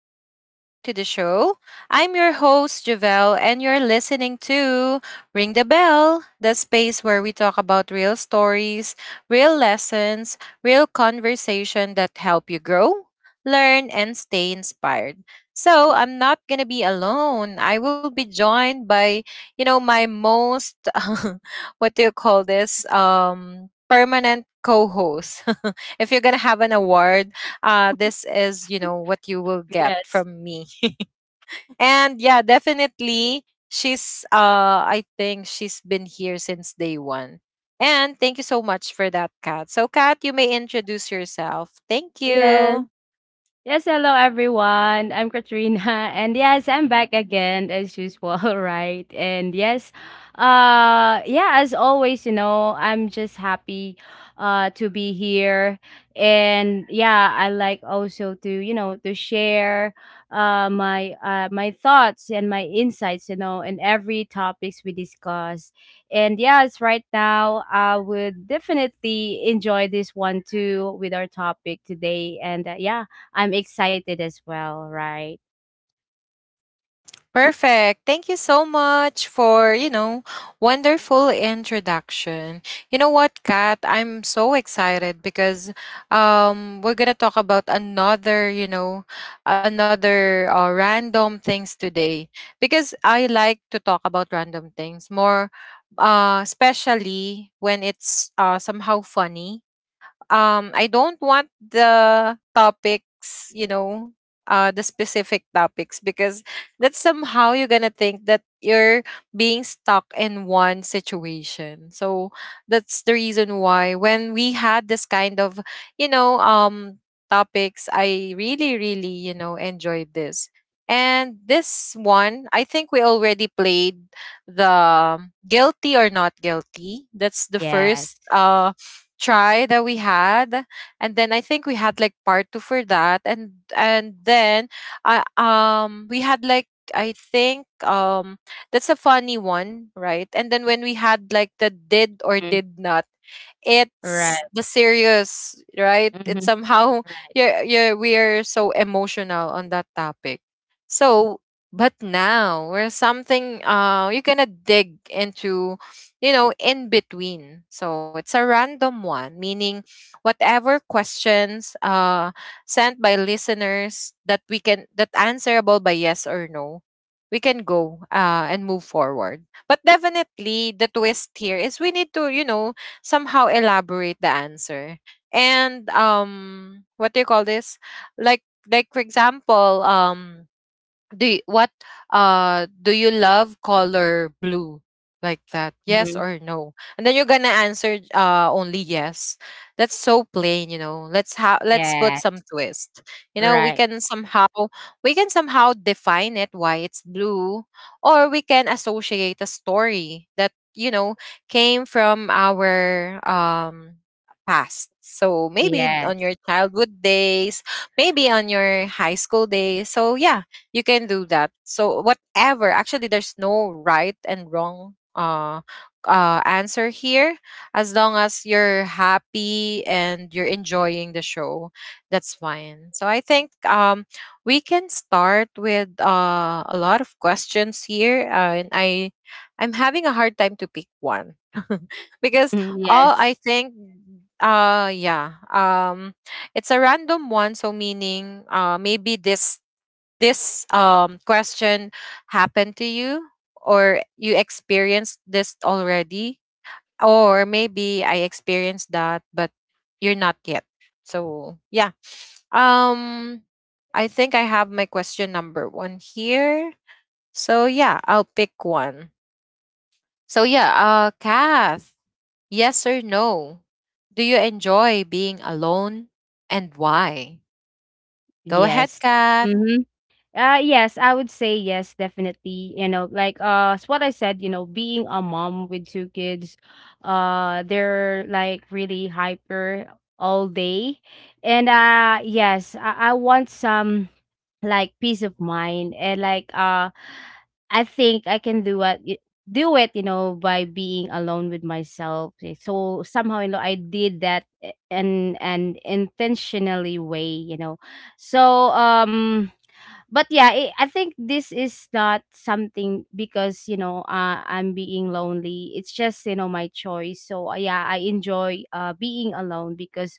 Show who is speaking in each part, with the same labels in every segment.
Speaker 1: welcome back to the show. I'm your host, Javelle, and you're listening to Ring the Bell, the space where we talk about real stories, real lessons, real conversation that help you grow, learn, and stay inspired. So I'm not gonna be alone. I will be joined by, you know, my most what do you call this? Permanent co-host. If you're gonna have an award, this is, you know, what you will get
Speaker 2: Yes.
Speaker 1: from me, and yeah, definitely. She's I think she's been here since day one, and thank you so much for that, Kat. So Kat, you may introduce yourself. Thank
Speaker 2: Yes.
Speaker 1: you.
Speaker 2: Yes, hello everyone. I'm Katrina, and yes, I'm back again as usual, right? And yes, yeah, as always, I'm just happy, to be here, and yeah, I like also to share, my my thoughts and my insights, in every topics we discuss, and yes, right now I would definitely enjoy this one too with our topic today, and yeah. I'm excited as well, right?
Speaker 1: Perfect. Thank you so much for, you know, wonderful introduction. You know what, Kat? I'm so excited because we're going to talk about another, you know, another random things today because I like to talk about random things more, especially when it's somehow funny. I don't want the topics, you know, the specific topics because that's somehow you're gonna think that you're being stuck in one situation. So that's the reason why when we had this kind of, you know, topics, I really, really, you know, enjoyed this. And this one, I think we already played the guilty or not guilty. That's the
Speaker 2: Yes.
Speaker 1: first try that we had, and then I think we had like part two for that, and then I we had like, I think, that's a funny one, right? And then when we had like the did or
Speaker 2: Mhm.
Speaker 1: did not,
Speaker 2: Right.
Speaker 1: it's the serious, right? It's
Speaker 2: Mhm.
Speaker 1: somehow
Speaker 2: Right.
Speaker 1: you're we're so emotional on that topic. So but now we're something, you're gonna dig into, you know, in between. So it's a random one, meaning whatever questions, sent by listeners that we can that answerable by yes or no, we can go and move forward. But definitely, the twist here is we need to, you know, somehow elaborate the answer. And what do you call this? Like, like for example, do you, what, do you love color blue, like that, yes
Speaker 2: Mhm.
Speaker 1: or no? And then you're gonna answer only yes. That's so plain. You know, let's put
Speaker 2: Yeah.
Speaker 1: some twist. You know,
Speaker 2: Right.
Speaker 1: we can somehow define it why it's blue, or we can associate a story that, you know, came from our past. So maybe on your
Speaker 2: Yes.
Speaker 1: childhood days, maybe on your high school days. So yeah, you can do that. So whatever, actually there's no right and wrong answer here, as long as you're happy and you're enjoying the show, that's fine. So I think, we can start with a lot of questions here, and I'm having a hard time to pick one. Because
Speaker 2: Mhm.
Speaker 1: all, I
Speaker 2: Yes.
Speaker 1: think, uh yeah um it's a random one, so meaning, maybe this, question happened to you, or you experienced this already, or maybe I experienced that but you're not yet. So yeah, um I think I have my question number one here. So yeah, I'll pick one. So yeah, Kath, yes or no, do you enjoy being alone, and why? Go ahead,
Speaker 2: Yes.
Speaker 1: Kath.
Speaker 2: Mhm. Yes, I would say yes, definitely. You know, like it's what I said, being a mom with two kids, they're like really hyper all day. And yes, I want some like peace of mind and like I think I can do do it, by being alone with myself. So somehow, I did that in an intentionally way. So um but yeah I think this is not something because I'm being lonely. It's just my choice. So yeah, I enjoy being alone because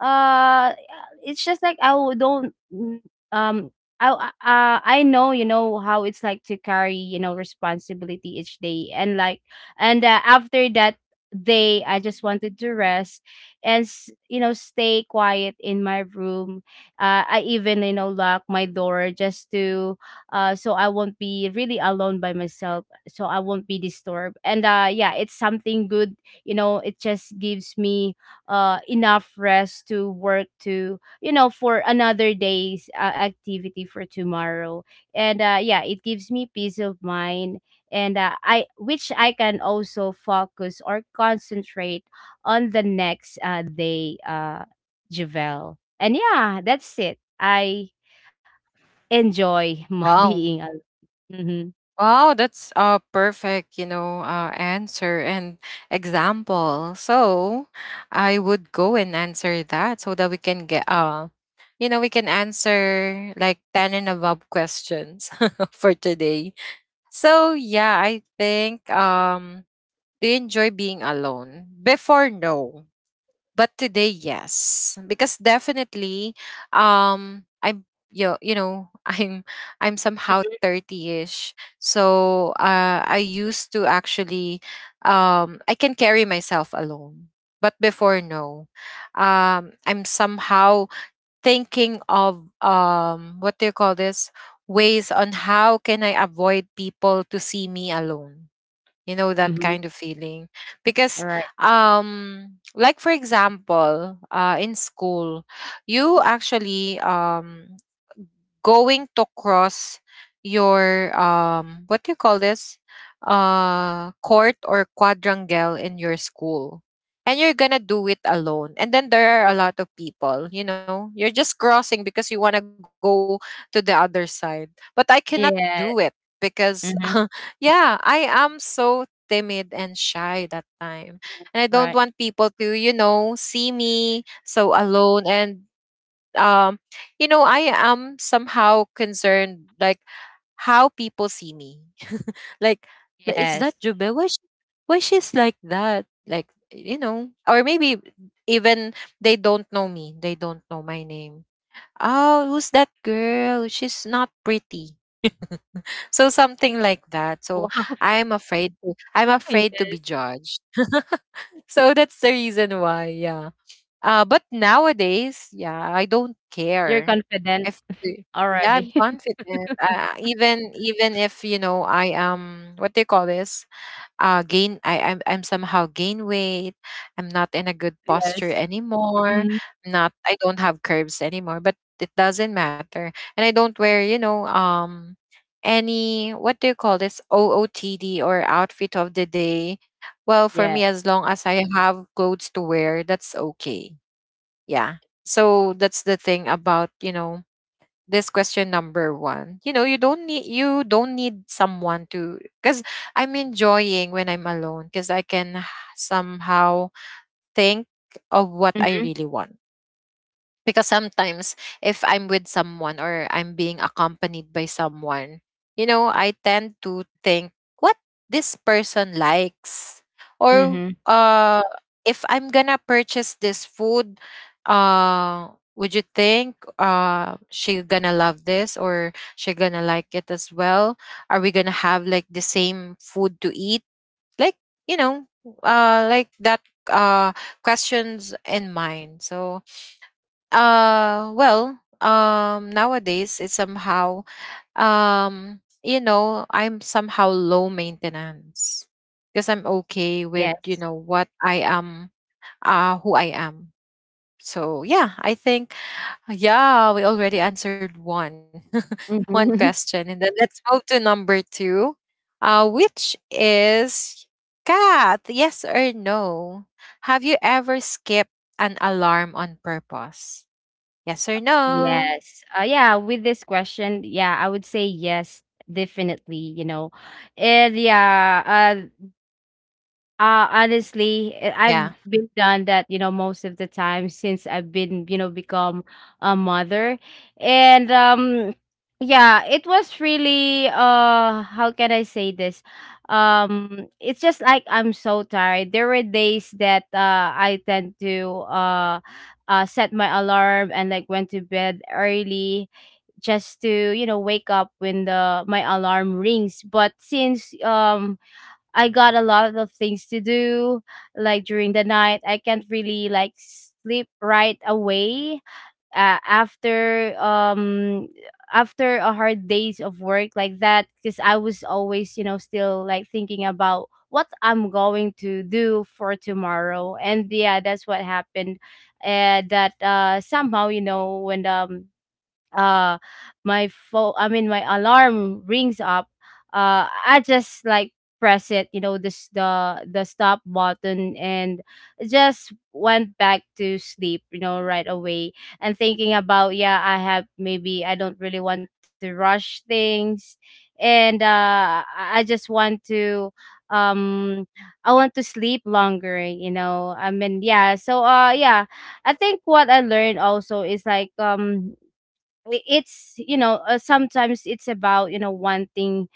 Speaker 2: uh it's just like I don't um I I know how it's like to carry responsibility each day, and like and after that day I just wanted to rest, and stay quiet in my room. I even lock my door, just to so I won't be really alone by myself, so I won't be disturbed. And yeah, it's something good. It just gives me enough rest to work, to for another day's activity for tomorrow. And yeah, it gives me peace of mind, and I which I can also focus or concentrate on the next day javel And yeah, that's it. I enjoy my
Speaker 1: Wow.
Speaker 2: being Mm-hmm.
Speaker 1: Wow, that's a perfect, you know, answer and example. So I would go and answer that so that we can get, you know, we can answer like 10 and above questions for today. So yeah, I think, do you enjoy being alone? Before, no, but today yes, because definitely I'm you, you know, I'm somehow 30ish. So I used to actually, I can carry myself alone, but before, no. I'm somehow thinking of, what do you call this, ways on how can I avoid people to see me alone, you know, that
Speaker 2: Mm-hmm.
Speaker 1: kind of feeling. Because
Speaker 2: Right.
Speaker 1: like for example, in school, you actually, going to cross your, what do you call this, court or quadrangle in your school, and you're gonna do it alone, and then there are a lot of people, you know, you're just crossing because you want to go to the other side, but I cannot do it
Speaker 2: Yeah.
Speaker 1: because
Speaker 2: Mm-hmm.
Speaker 1: yeah, I am so timid and shy that time, and I don't
Speaker 2: Right.
Speaker 1: want people to, you know, see me so alone. And um you know, I am somehow concerned like how people see me, like, Is
Speaker 2: Yes.
Speaker 1: that Jubel? Why, she, why she's like that, like, you know? Or maybe even they don't know me, they don't know my name. Oh, who's that girl? She's not pretty." So something like that. So
Speaker 2: Wow.
Speaker 1: I'm afraid, I'm afraid to be
Speaker 2: Yes.
Speaker 1: judged. So that's the reason why. Yeah, uh, but nowadays, yeah, I don't
Speaker 2: You're
Speaker 1: care.
Speaker 2: confident
Speaker 1: If yeah,
Speaker 2: already.
Speaker 1: I'm confident. Even if, you know, I am what they call this, gain. I'm somehow gain weight. I'm not in a good posture
Speaker 2: Yes.
Speaker 1: anymore.
Speaker 2: Mhm.
Speaker 1: Not, I don't have curves anymore. But it doesn't matter. And I don't wear, you know, any, what do you call this, OOTD or outfit of the day. Well, for
Speaker 2: Yeah.
Speaker 1: me, as long as I have clothes to wear, that's okay. Yeah. So that's the thing about, you know, this question number one. You know, you don't need someone to, because I'm enjoying when I'm alone, because I can somehow think of what I
Speaker 2: Mhm,
Speaker 1: really want. Because sometimes, if I'm with someone or I'm being accompanied by someone, you know, I tend to think what this person likes, or
Speaker 2: mhm.
Speaker 1: uh if I'm gonna purchase this food, would you think she gonna love this, or she gonna like it as well? Are we gonna have like the same food to eat? Like, you know, like that questions in mind. So nowadays it's somehow, you know, I'm somehow low maintenance because I'm okay with, you
Speaker 2: Yes.
Speaker 1: know, what I am, who I am. So yeah, I think yeah, we already answered one, one
Speaker 2: Mhm.
Speaker 1: question, and then let's move to number two, which is, Cat, yes or no, have you ever skipped an alarm on purpose? Yes or no?
Speaker 2: Yes. Yeah, with this question, yeah, I would say yes, definitely. And yeah, uh, honestly,
Speaker 1: Yeah.
Speaker 2: I've been done that, most of the time since I've been, become a mother. And yeah, it was really how can I say this? It's just like I'm so tired. There were days that I tend to set my alarm and like went to bed early, just to, wake up when the my alarm rings. But since I got a lot of things to do, like during the night. I can't really like sleep right away after after a hard days of work like that, because I was always, still like thinking about what I'm going to do for tomorrow. And yeah, that's what happened. That somehow, when uh my phone, I mean, my alarm rings up, I just like press it, this, the stop button, and just went back to sleep, right away, and thinking about, yeah, I have, maybe I don't really want to rush things. And I just want to um I want to sleep longer. I mean, yeah. So yeah, I think what I learned also is like it's sometimes it's about wanting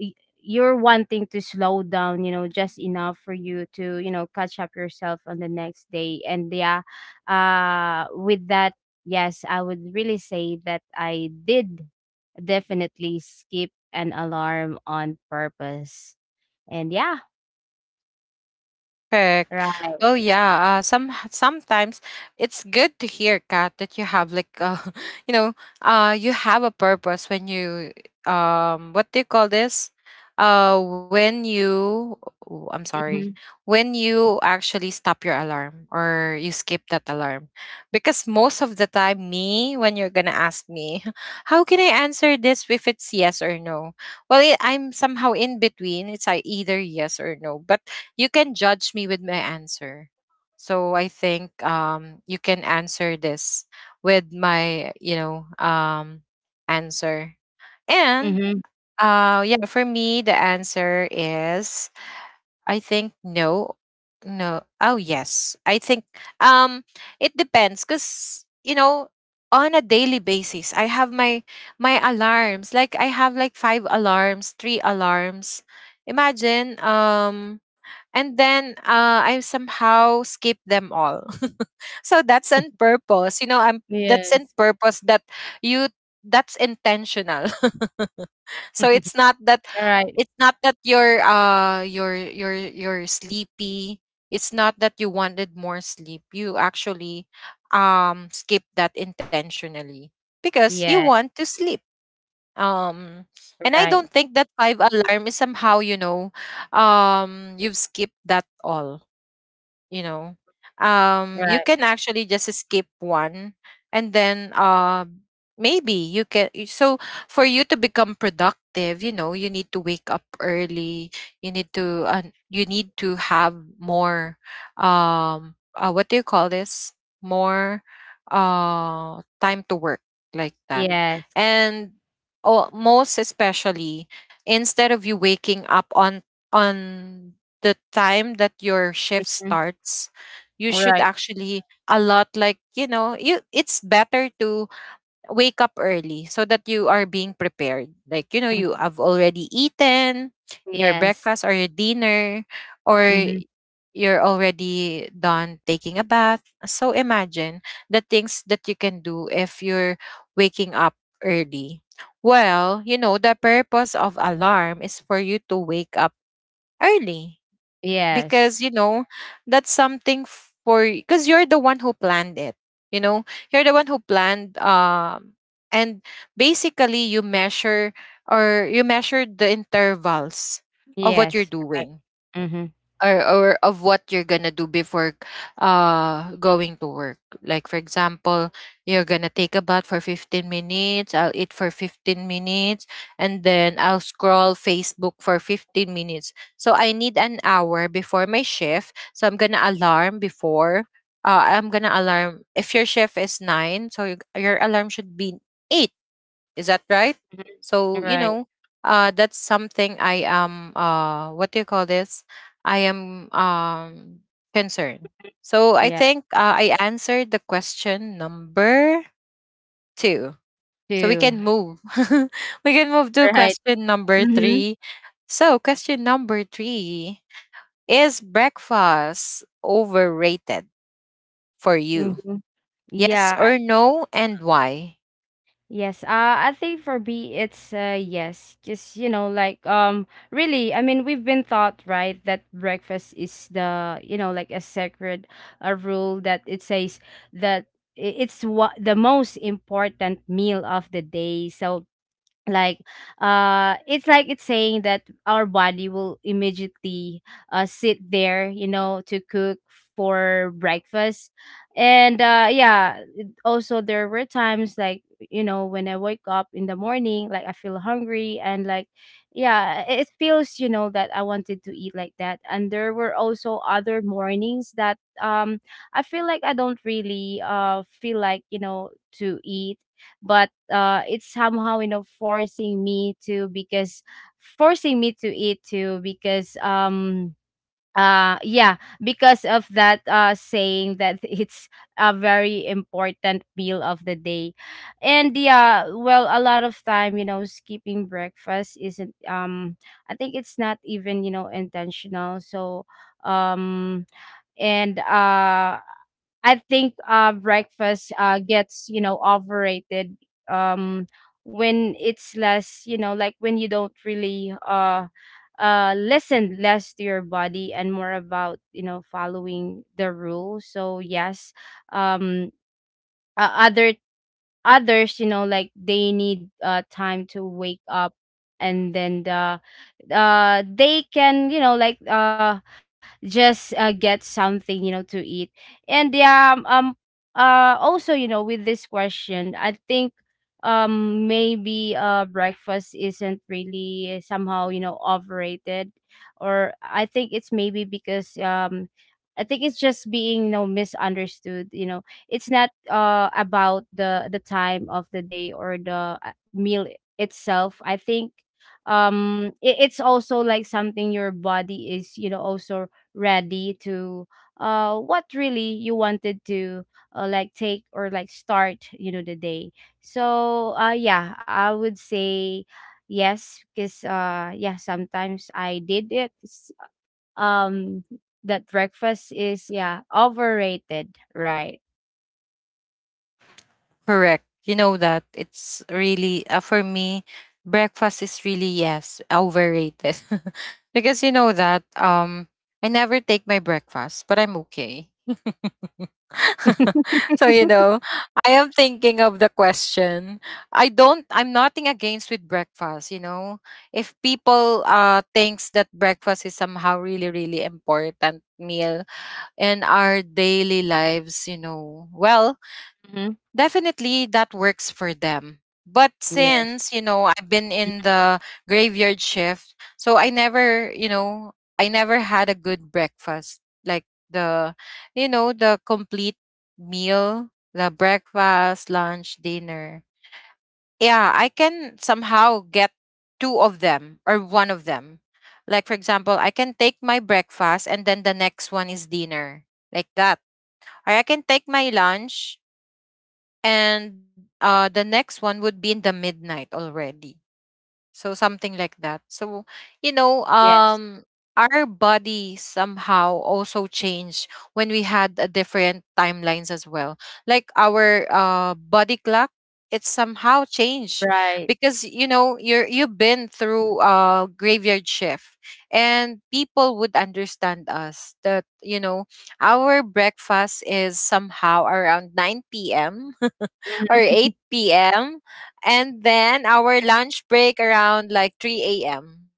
Speaker 2: y- you're wanting to slow down, just enough for you to catch up yourself on the next day. And yeah, with that, yes, I would really say that I did definitely skip an alarm on purpose, and yeah.
Speaker 1: Perfect.
Speaker 2: Right.
Speaker 1: Well, yeah. Sometimes it's good to hear, Kat, that you have like, you know, you have a purpose when you, what do you call this? Uh, when you, oh, I'm sorry,
Speaker 2: Mm-hmm.
Speaker 1: when you actually stop your alarm or you skip that alarm, because most of the time, me, when you're gonna ask me, how can I answer this if it's yes or no? Well, I'm somehow in between. It's either yes or no, but you can judge me with my answer. So I think, you can answer this with my, you know, answer. And
Speaker 2: Mm-hmm.
Speaker 1: yeah, for me, the answer is I think no, no. Oh yes, I think, um, it depends, because you know, on a daily basis, I have my alarms. Like I have like five alarms, three alarms. Imagine, and then, I somehow skipped them all. So that's on purpose. You know, I'm that's in
Speaker 2: Yes.
Speaker 1: purpose, that you, that's intentional. So it's not that,
Speaker 2: All right.
Speaker 1: you're you're sleepy. It's not that you wanted more sleep. You actually, skip that intentionally because you
Speaker 2: Yeah.
Speaker 1: want to sleep. Um and I
Speaker 2: Right.
Speaker 1: don't think that five alarm is somehow, you know, you've skipped that all, you know, you
Speaker 2: Right.
Speaker 1: can actually just skip one, and then maybe you can so for you to become productive, you know, you need to wake up early, you need to, you need to have more what do you call this, more time to work, like that.
Speaker 2: Yes.
Speaker 1: And oh, most especially, instead of you waking up on the time that your shift
Speaker 2: Mm.
Speaker 1: starts, you
Speaker 2: All
Speaker 1: should
Speaker 2: right.
Speaker 1: actually a lot, like, you know, you, it's better to wake up early so that you are being prepared. Like, you know,
Speaker 2: Mm-hmm.
Speaker 1: you have already eaten your
Speaker 2: Yes.
Speaker 1: breakfast or your dinner, or
Speaker 2: Mhm.
Speaker 1: you're already done taking a bath. So imagine the things that you can do if you're waking up early. Well, you know, the purpose of alarm is for you to wake up early, because
Speaker 2: Yes.
Speaker 1: you know, that's something for because you're the one who planned it, you know, you're the one who planned, and basically you measure, the intervals of what you're
Speaker 2: Yes. Right.
Speaker 1: doing,
Speaker 2: Mhm.
Speaker 1: or of what you're gonna do before going to work. Like for example, you're gonna take a bath for 15 minutes, I'll eat for 15 minutes, and then I'll scroll Facebook for 15 minutes. So I need an hour before my shift. So I'm gonna alarm before I'm gonna alarm. If your shift is nine, so your alarm should be eight, is that right? So,
Speaker 2: Mhm.
Speaker 1: you
Speaker 2: Right.
Speaker 1: know, that's something I am, what do you call this? I am concerned. So I
Speaker 2: Yeah.
Speaker 1: think I answered the question number two. So we
Speaker 2: Too.
Speaker 1: can move. We can move to
Speaker 2: Right.
Speaker 1: question number
Speaker 2: Mhm.
Speaker 1: three. So, question number three, is breakfast overrated for you?
Speaker 2: Mhm.
Speaker 1: Yes
Speaker 2: Yeah.
Speaker 1: or no, and why?
Speaker 2: Yes. I think for me, it's yes. Just, like, really. I mean, we've been taught right that breakfast is the, like, a sacred, a rule that it says, that it's what the most important meal of the day. So like it's like it's saying that our body will immediately sit there, to cook for breakfast. And yeah, it also, there were times like, when I wake up in the morning, like I feel hungry and like, yeah, it feels, that I wanted to eat like that. And there were also other mornings that I feel like I don't really feel like, to eat, but it's somehow, forcing me to, because forcing me to eat too, because yeah, because of that saying that it's a very important meal of the day. And yeah, well, a lot of time, skipping breakfast isn't, I think it's not even, intentional. So um and I think breakfast gets, overrated, um, when it's less, like when you don't really listen less to your body and more about, following the rules. So yes, um, other, others, like they need time to wake up, and then the they can, like just get something, to eat. And yeah, also, with this question, I think maybe breakfast isn't really somehow, overrated, or I think it's maybe because I think it's just being, misunderstood. You know, it's not about the time of the day, or the meal itself. I think it's also like something your body is, also ready to, what really you wanted to like take or like start, the day. So yeah, I would say yes, because yeah, sometimes I did it um that breakfast is, yeah, overrated, right?
Speaker 1: Correct. You know that it's really, for me, breakfast is really, yes, overrated. Because you know that I never take my breakfast, but I'm okay. So you know, I am thinking of the question. I'm nothing against with breakfast, you know. If people thinks that breakfast is somehow really really important meal in our daily lives, you know. Well,
Speaker 2: Hmm.
Speaker 1: definitely that works for them. But
Speaker 2: Yes.
Speaker 1: since, you know, I've been
Speaker 2: Mhm.
Speaker 1: in the graveyard shift, so I never, you know, I never had a good breakfast. Like the, you know, the complete meal, the breakfast, lunch, dinner. Yeah, I can somehow get two of them or one of them. Like, for example, I can take my breakfast and then the next one is dinner, like that. Or I can take my lunch and the next one would be in the midnight already. So something like that. So, you know,
Speaker 2: Yes.
Speaker 1: our body somehow also changed when we had a different timelines as well. Like our body clock, it somehow changed
Speaker 2: Right.
Speaker 1: because you know, you've been through a graveyard shift and people would understand us that, you know, our breakfast is somehow around 9 p.m. or
Speaker 2: Hmm.
Speaker 1: 8 p.m, and then our lunch break around like 3 a.m.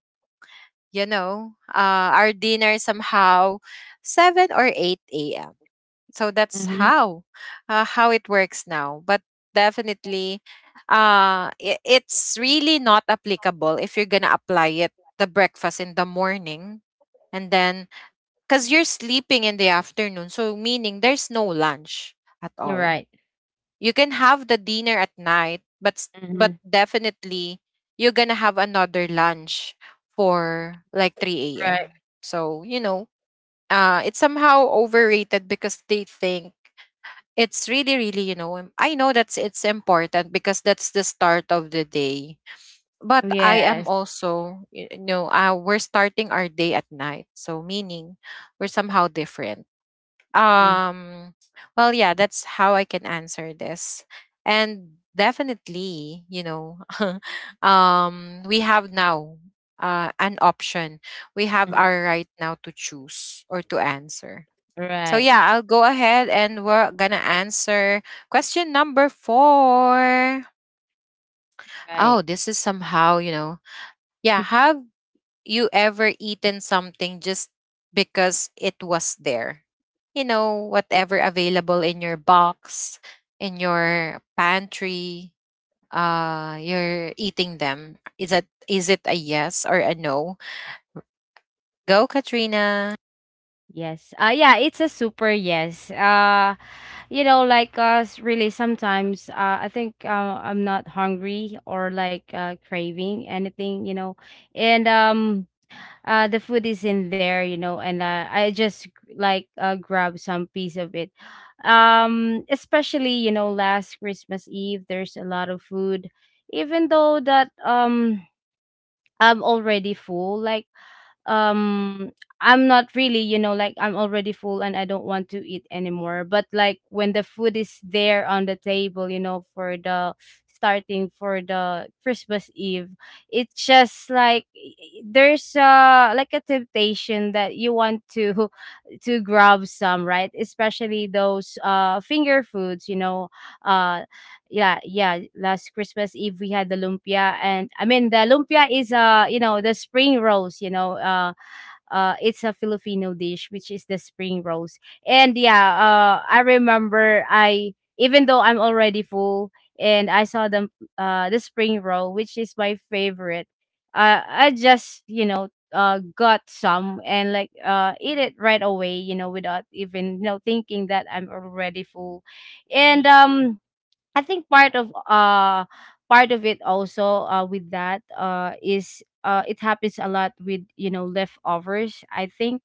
Speaker 1: You know, our dinner somehow 7 or 8 a.m. So that's
Speaker 2: Hmm.
Speaker 1: how it works now. But definitely, it's really not applicable if you're gonna apply it the breakfast in the morning, and then because you're sleeping in the afternoon, so meaning there's no lunch at
Speaker 2: You're
Speaker 1: all.
Speaker 2: right.
Speaker 1: You can have the dinner at night, but but
Speaker 2: Mhm.
Speaker 1: definitely you're gonna have another lunch for like 3
Speaker 2: Right.
Speaker 1: a.m. So you know, it's somehow overrated because they think it's really really you know I know that's it's important because that's the start of the day. But I am
Speaker 2: Yes.
Speaker 1: also, you know, we're starting our day at night. So, meaning we're somehow different.
Speaker 2: Mhm.
Speaker 1: Um, well, yeah, that's how I can answer this. And definitely, you know, we have now an option. We have
Speaker 2: Mhm.
Speaker 1: our right now to choose or to answer. So,
Speaker 2: Right.
Speaker 1: yeah, I'll go ahead and we're gonna answer question number four.
Speaker 2: Right.
Speaker 1: Oh, this is somehow, you know, yeah, have you ever eaten something just because it was there? You know, whatever available in your box, in your pantry, you're eating them. Is that is it a yes or a no? Go, Katrina.
Speaker 2: Yes. Yeah, it's a super yes. You know, like us, really sometimes I think I'm not hungry or like craving anything, you know. And the food is in there, you know, and I just like grab some piece of it. Especially, you know, last Christmas Eve there's a lot of food, even though that I'm already full. Like, um, I'm not really, you know, like I'm already full and I don't want to eat anymore. But like when the food is there on the table, you know, for the starting for the Christmas Eve, it's just like there's like a temptation that you want to to grab some, right? Especially those finger foods, you know, uh yeah, last Christmas Eve we had the lumpia, and I mean, the lumpia is, you know, the spring rolls, you know, it's a Filipino dish, which is the spring rolls. And yeah, I remember, I even though I'm already full and I saw them, the spring roll, which is my favorite, I just, you know, got some and like eat it right away, you know, without even, you know, thinking that I'm already full. And I think part of it also with that is it happens a lot with, you know, leftovers. I think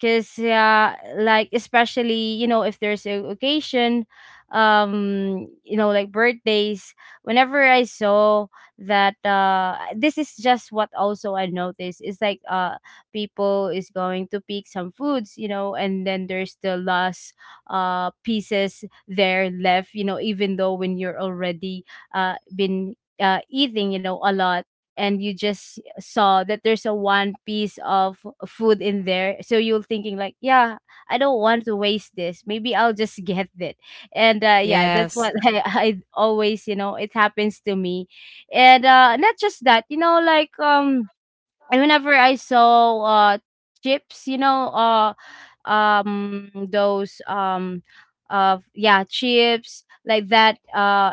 Speaker 2: because yeah, like especially, you know, if there's a occasion, you know, like birthdays, whenever I saw that, this is just what also I noticed, is like people is going to pick some foods, you know, and then there's the last pieces there left, you know, even though when you're already been eating, you know, a lot, and you just saw that there's a one piece of food in there, so you're thinking like, yeah, I don't want to waste this, maybe I'll just get it. And yeah,
Speaker 1: Yes.
Speaker 2: that's what I always, you know, it happens to me. And not just that, you know, like and whenever I saw chips, you know, those yeah, chips like that,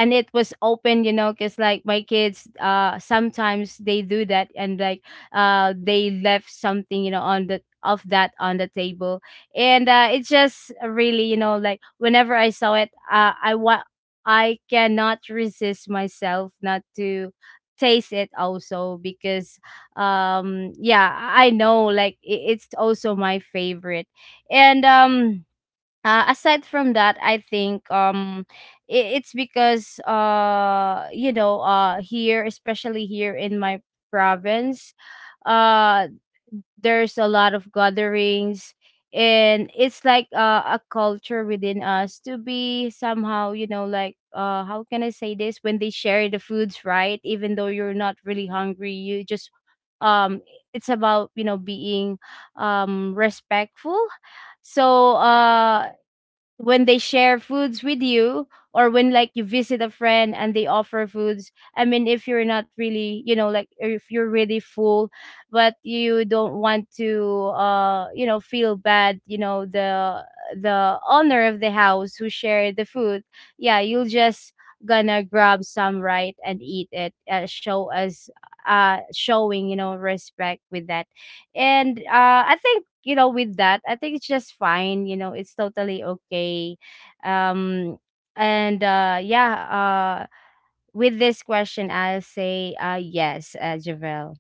Speaker 2: and it was open, you know, cuz like my kids sometimes they do that, and like they left something, you know, on the of that on the table. And it's just really, like whenever I saw it, I cannot resist myself not to taste it also because yeah, I know, like it's also my favorite. And aside from that, I think it's because here, especially here in my province, uh there's a lot of gatherings. And it's like a culture within us to be somehow, like, how can I say this, when they share the foods, right? Even though you're not really hungry, you just um it's about being respectful. So when they share foods with you, or when, like, you visit a friend and they offer foods, I mean, if you're not really, like, if you're really full, but you don't want to feel bad, the owner of the house who shared the food, yeah, you'll just gonna grab some, right, and eat it showing, respect with that. And I think, with that, I think it's just fine, it's totally okay. um and yeah With this question, I'll say yes, Javel.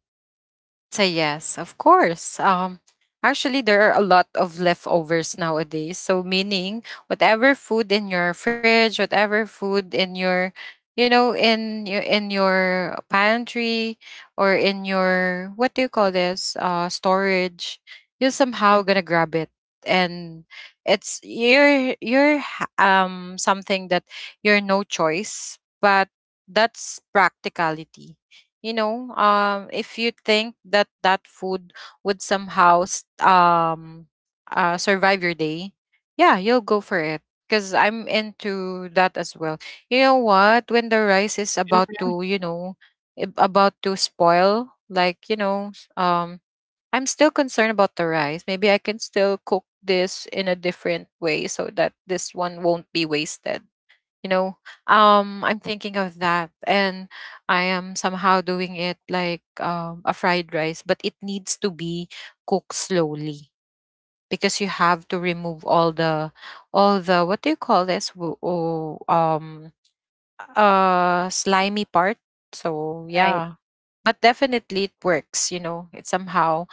Speaker 1: Say yes, of course. Actually, there are a lot of leftovers nowadays. So, meaning whatever food in your fridge, whatever food in your, you know, in your pantry or in your what do you call this? Storage. You're
Speaker 2: Mhm.
Speaker 1: somehow gonna grab it, and it's you're something that you're no choice, but that's practicality. You know if you think that that food would somehow survive your day, yeah, you'll go for it because I'm into that as well. You know what, when the rice is about to you know about to spoil, like you know I'm still concerned about the rice. Maybe I can still cook this in a different way so that this one won't be wasted, you know. I'm thinking of that, and I am somehow doing it like a fried rice, but it needs to be cooked slowly because you have to remove all the what do you call this, slimy part. So
Speaker 2: Right.
Speaker 1: yeah, but definitely it works, you know. It's somehow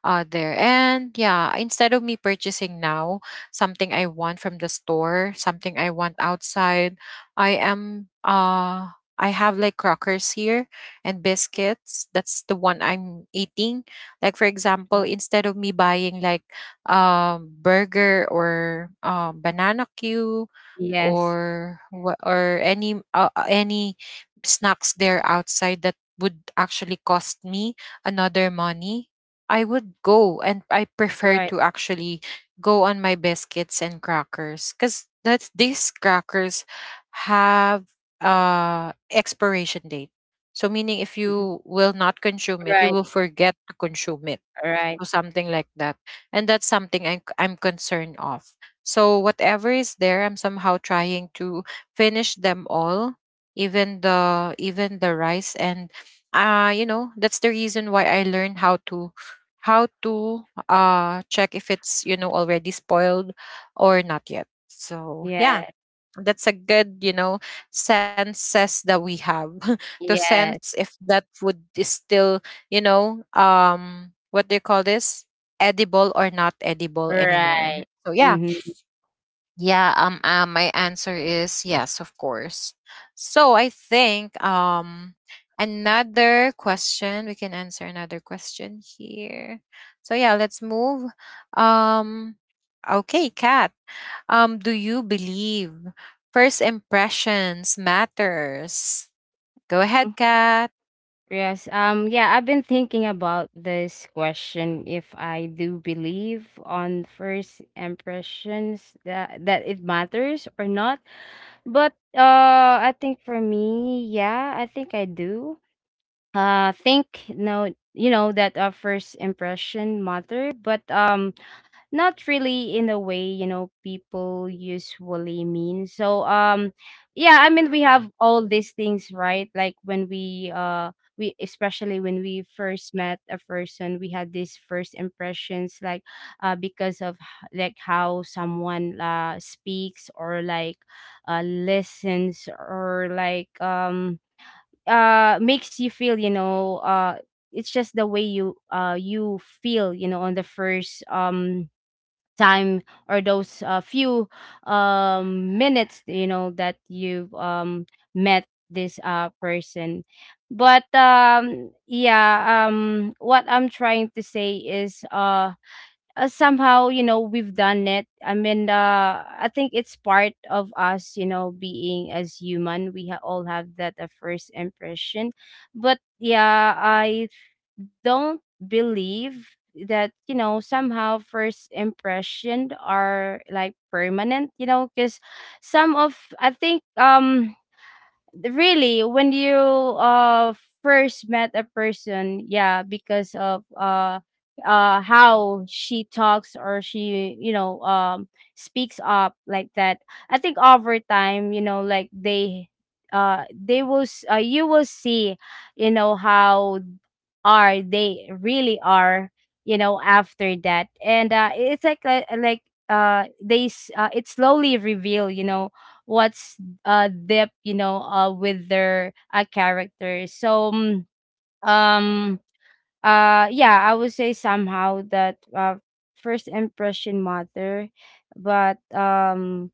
Speaker 1: there, and yeah, instead of me purchasing now something I want from the store, something I want outside, I am I have like crackers here and biscuits, that's the one I'm eating. Like, for example,
Speaker 2: Mhm.
Speaker 1: instead of me buying like burger or banana cue
Speaker 2: Yes.
Speaker 1: or or any snacks there outside would actually cost me another money, I would go, and I prefer
Speaker 2: Right.
Speaker 1: to actually go on my biscuits and crackers, because that's these crackers have expiration date. So meaning if
Speaker 2: Mhm.
Speaker 1: you will not consume it, you
Speaker 2: Right.
Speaker 1: will forget to consume it.
Speaker 2: Right.
Speaker 1: So something like that. And that's something I'm concerned of. So whatever is there, I'm somehow trying to finish them all, even the rice. And you know, that's the reason why I learned how to check if it's, you know, already spoiled or not yet. So yeah,
Speaker 2: Yeah.
Speaker 1: that's a good you know senses that we have to
Speaker 2: Yes.
Speaker 1: sense if that would is still you know what do you call this, edible or not edible anymore.
Speaker 2: Right.
Speaker 1: So yeah,
Speaker 2: Mm-hmm.
Speaker 1: yeah, my answer is yes, of course. So I think another question, we can answer another question here. So yeah, let's move. um okay, Cat, do you believe first impressions matters? Go ahead, Kat.
Speaker 2: Yes. Yeah, I've been thinking about this question, if I do believe on first impressions, that it matters or not. But I think for me, yeah, I think I do. Think, no, you know that first impression matter, but not really in the way, you know, people usually mean. So yeah, I mean, we have all these things, right? Like when we especially when we first met a person, we had these first impressions, like because of like how someone speaks, or like listens, or like makes you feel, it's just the way you feel, you know, on the first time, or those few minutes, that you met this person. But what I'm trying to say is, somehow, we've done it. I mean, I think it's part of us, you know, being as human, we all have that first impression. But yeah, I don't believe that, you know, somehow first impression are like permanent, you know, because some of, I think, really when you first met a person, yeah, because of how she talks, or she, speaks up like that. I think over time, like, they will you will see, how are they really are, after that. And it's like they it slowly reveal, what's depth, with their characters. So um yeah, I would say somehow that first impression matter. But um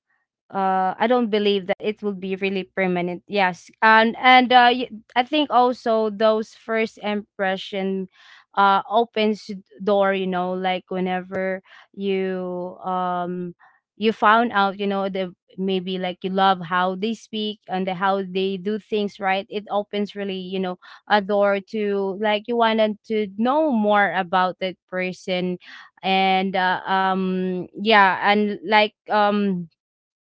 Speaker 2: uh I don't believe that it will be really permanent. Yes, and I think also those first impression opens door, you know, like whenever you found out, the maybe, like, you love how they speak, and the, how they do things right, it opens really, you know, a door to like you wanted to know more about that person. And yeah, and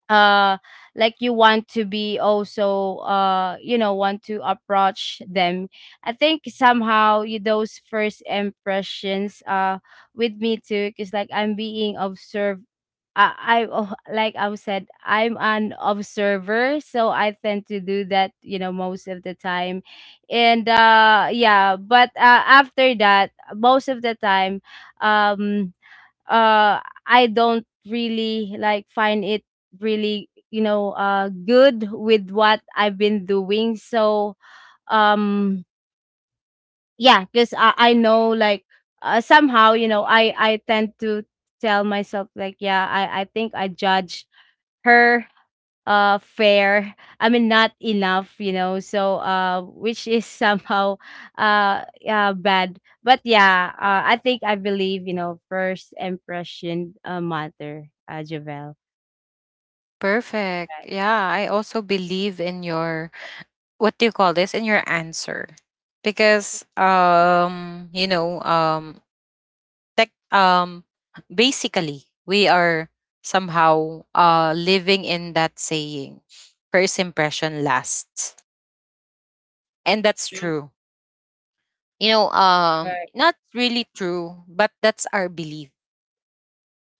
Speaker 2: uh like you want to be also want to approach them. I think somehow you, those first impressions with me too, because like I'm being observed. Like I said, I'm an observer, so I tend to do that, you know, most of the time. And yeah, but after that, most of the time, um uh I don't really like find it really, good with what I've been doing. So um yeah, because I know, like, somehow, I tend to tell myself, like, yeah, I think I judge her fair. I mean, not enough, you know. So which is, somehow yeah, bad. But yeah, I think I believe, first impression matter, Javel.
Speaker 1: Perfect.
Speaker 2: Right.
Speaker 1: Yeah, I also believe in your what do you call this? In your answer. Because you know, tech basically we are somehow living in that saying, first impression lasts. And that's
Speaker 2: Mm.
Speaker 1: true. You know,
Speaker 2: Right.
Speaker 1: not really true, but that's our belief.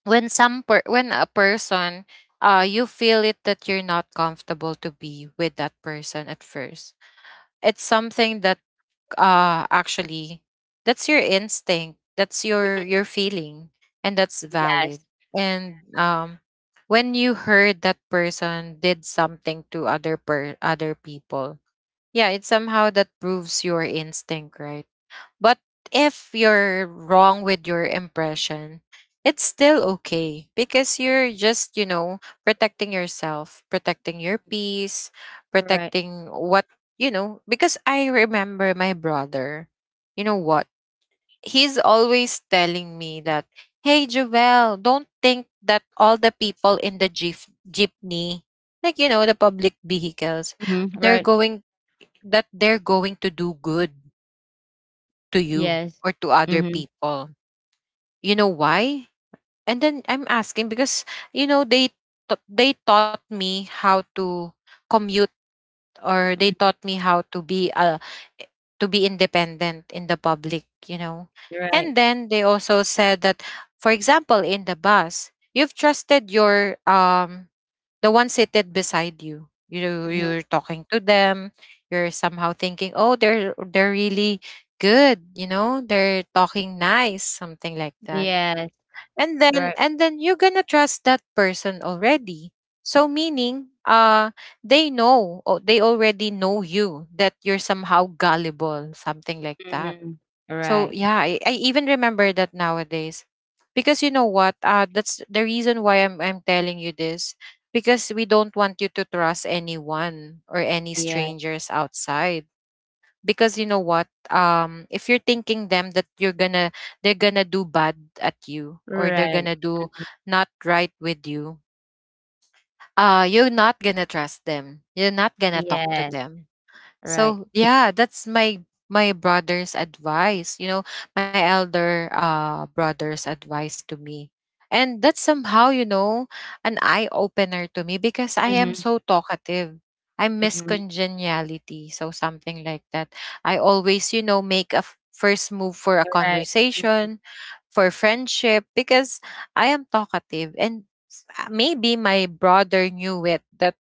Speaker 1: When when a person you feel it that you're not comfortable to be with that person at first, it's something that actually that's your instinct, that's your feeling, and that's valid.
Speaker 2: Yes.
Speaker 1: And when you heard that person did something to other people, yeah, it somehow that proves your instinct right. But if you're wrong with your impression, it's still okay because you're just, you know, protecting yourself, protecting your peace,
Speaker 2: Right.
Speaker 1: protecting what, you know, because I remember my brother, you know what? He's always telling me that, hey, Jovel, don't think that all the people in the jeepney, like, you know, the public vehicles,
Speaker 2: Hmm.
Speaker 1: they're
Speaker 2: Right.
Speaker 1: going, that they're going to do good to you
Speaker 2: Yes.
Speaker 1: or to other
Speaker 2: Mm-hmm.
Speaker 1: people. You know why? And then I'm asking because you know they they taught me how to commute or they taught me how to be independent in the public, you know.
Speaker 2: Right.
Speaker 1: And then they also said that for example in the bus, you've trusted your the one seated beside you.
Speaker 2: Hmm.
Speaker 1: You're talking to them. You're somehow thinking, oh, they're really good. You know, they're talking nice, something like that.
Speaker 2: Yes.
Speaker 1: And then
Speaker 2: Right.
Speaker 1: and then you're gonna trust that person already. So meaning, they know, or they already know you that you're somehow gullible, something like that.
Speaker 2: Hmm.
Speaker 1: So
Speaker 2: Right.
Speaker 1: yeah, I even remember that nowadays. Because you know what? That's the reason why I'm telling you this. Because we don't want you to trust anyone or any
Speaker 2: Yeah.
Speaker 1: strangers outside. Because you know what? If you're thinking them that you're gonna they're gonna do bad at you or they're
Speaker 2: Right.
Speaker 1: gonna do not right with you, you're not gonna trust them. You're not gonna talk to
Speaker 2: Yes.
Speaker 1: them.
Speaker 2: Right.
Speaker 1: So yeah, that's my brother's advice. You know, my elder brother's advice to me. And that's somehow, you know, an eye opener to me because I am
Speaker 2: Hmm.
Speaker 1: so talkative. I'm
Speaker 2: Hmm.
Speaker 1: miscongeniality, so something like that. I always, you know, make a first move for a
Speaker 2: Right.
Speaker 1: conversation, for friendship, because I am talkative and maybe my brother knew it that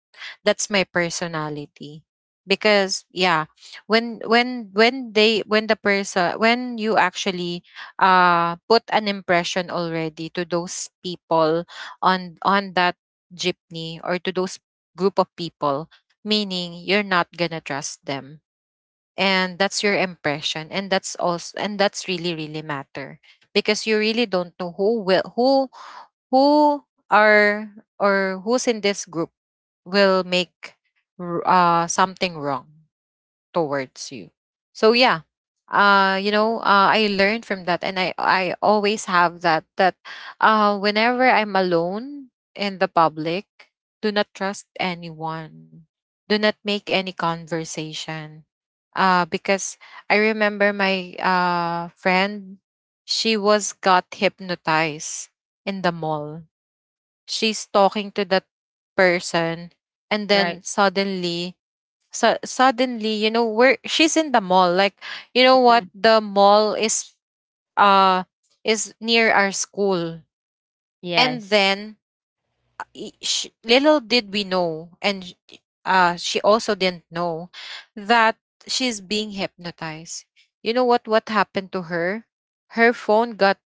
Speaker 1: that's my personality. Because yeah, when they when the person when you actually put an impression already to those people on that jeepney or to those group of people, meaning you're not gonna trust them, and that's your impression, and that's also and that's really really matter. Because you really don't know who who are or who's in this group will make something wrong towards you. So yeah, you know, I learned from that, and I always have that whenever I'm alone in the public, do not trust anyone. Do not make any conversation. Because I remember my friend, she was got hypnotized in the mall. She's talking to that person, and then
Speaker 2: Right.
Speaker 1: suddenly, you know, where she's in the mall, like you know what
Speaker 2: Mhm.
Speaker 1: the mall is, uh is near our school. And
Speaker 2: Yes.
Speaker 1: then I- sh little did we know, and she also didn't know that she's being hypnotized. You know what happened to her, her phone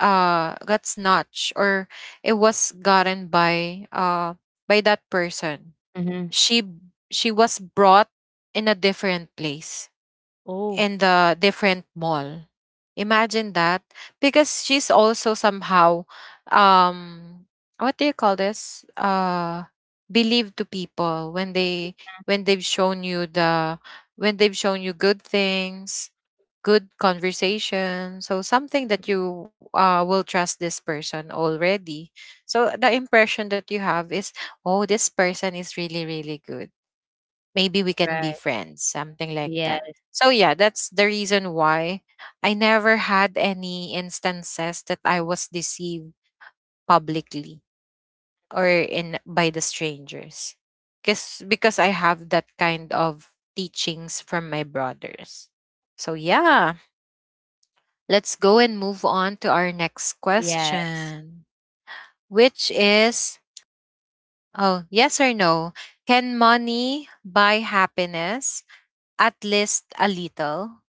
Speaker 1: got snatched, or it was gotten by that person.
Speaker 2: Mhm.
Speaker 1: she she was brought in a different place,
Speaker 2: Oh,
Speaker 1: in the different mall. Imagine that, because she's also somehow um what do you call this? Believe to people when they when they've shown you the when they've shown you good things, good conversation, so something that you will trust this person already. So the impression that you have is, oh, this person is really really good, maybe we can be
Speaker 2: right.
Speaker 1: friends, something like that.
Speaker 2: Yes,
Speaker 1: So yeah, that's the reason why I never had any instances that I was deceived publicly or in by the strangers. Cause because I have that kind of teachings from my brothers. So yeah, let's go and move on to our next
Speaker 2: yes.
Speaker 1: question, which is, oh, yes or no, can money buy happiness? At least a little.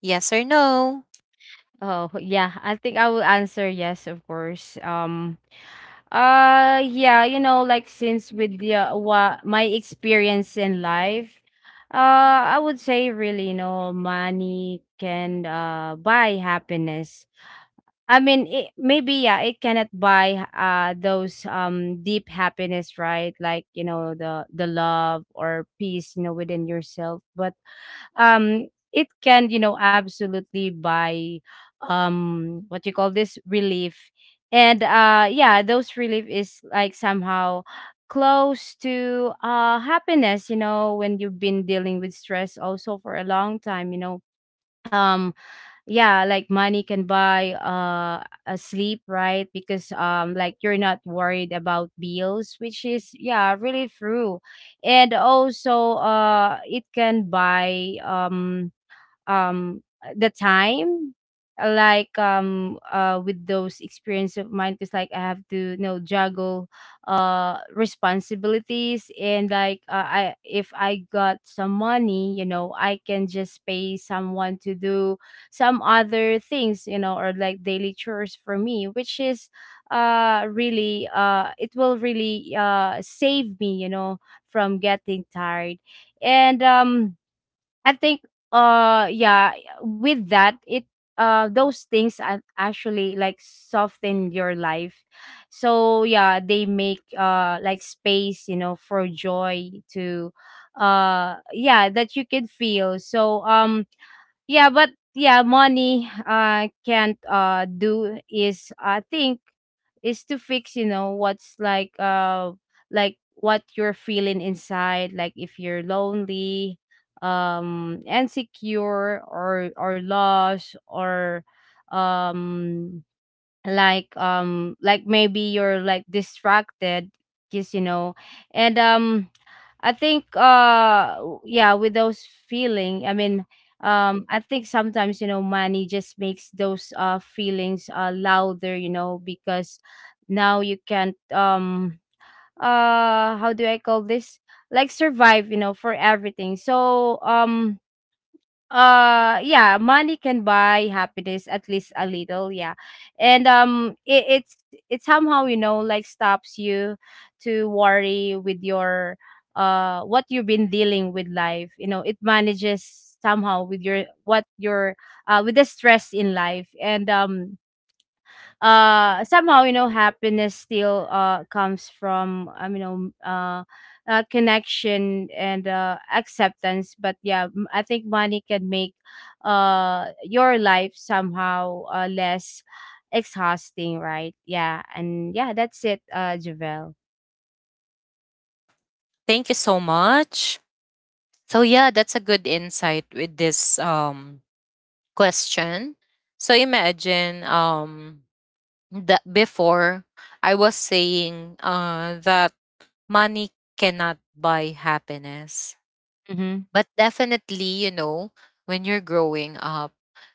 Speaker 1: Yes or no?
Speaker 2: Oh, yeah. I think I will answer yes, of course. Yeah, like, since with the what, my experience in life, I would say really, money can buy happiness. I mean, maybe, yeah, it cannot buy those deep happiness, right? Like, the love or peace, within yourself. But um, it can, absolutely buy what you call this, relief. And yeah, those relief is like somehow close to happiness. When you've been dealing with stress also for a long time, um yeah, like, money can buy a sleep, right? Because like, you're not worried about bills, which is, yeah, really true. And also it can buy the time. Like with those experience of mine, because like I have to, juggle responsibilities, and like, I if I got some money, I can just pay someone to do some other things, or like daily chores for me, which is really it will really save me, from getting tired. And I think, yeah, with that, it those things actually like soften your life. So yeah, they make like space, for joy to, yeah, that you can feel. So yeah, but yeah, money can't do, is, I think, is to fix, what's like, like what you're feeling inside, like if you're lonely, insecure, or lost, or um like like, maybe you're like distracted, because, and I think, yeah, with those feeling, I mean, I think sometimes, money just makes those feelings louder, because now you can't, how do I call this, like, survive, for everything. So yeah, money can buy happiness, at least a little, yeah. And it somehow, like, stops you to worry with your what you've been dealing with life, it manages somehow with your, what your with the stress in life. And somehow, happiness still comes from, connection and acceptance. But yeah, I think money can make your life somehow less exhausting, right? Yeah, and yeah, that's it, Javel.
Speaker 1: Thank you so much. So yeah, that's a good insight with this question. So imagine that before I was saying that money cannot buy happiness.
Speaker 2: Mm-hmm.
Speaker 1: But definitely, you know, when you're growing up,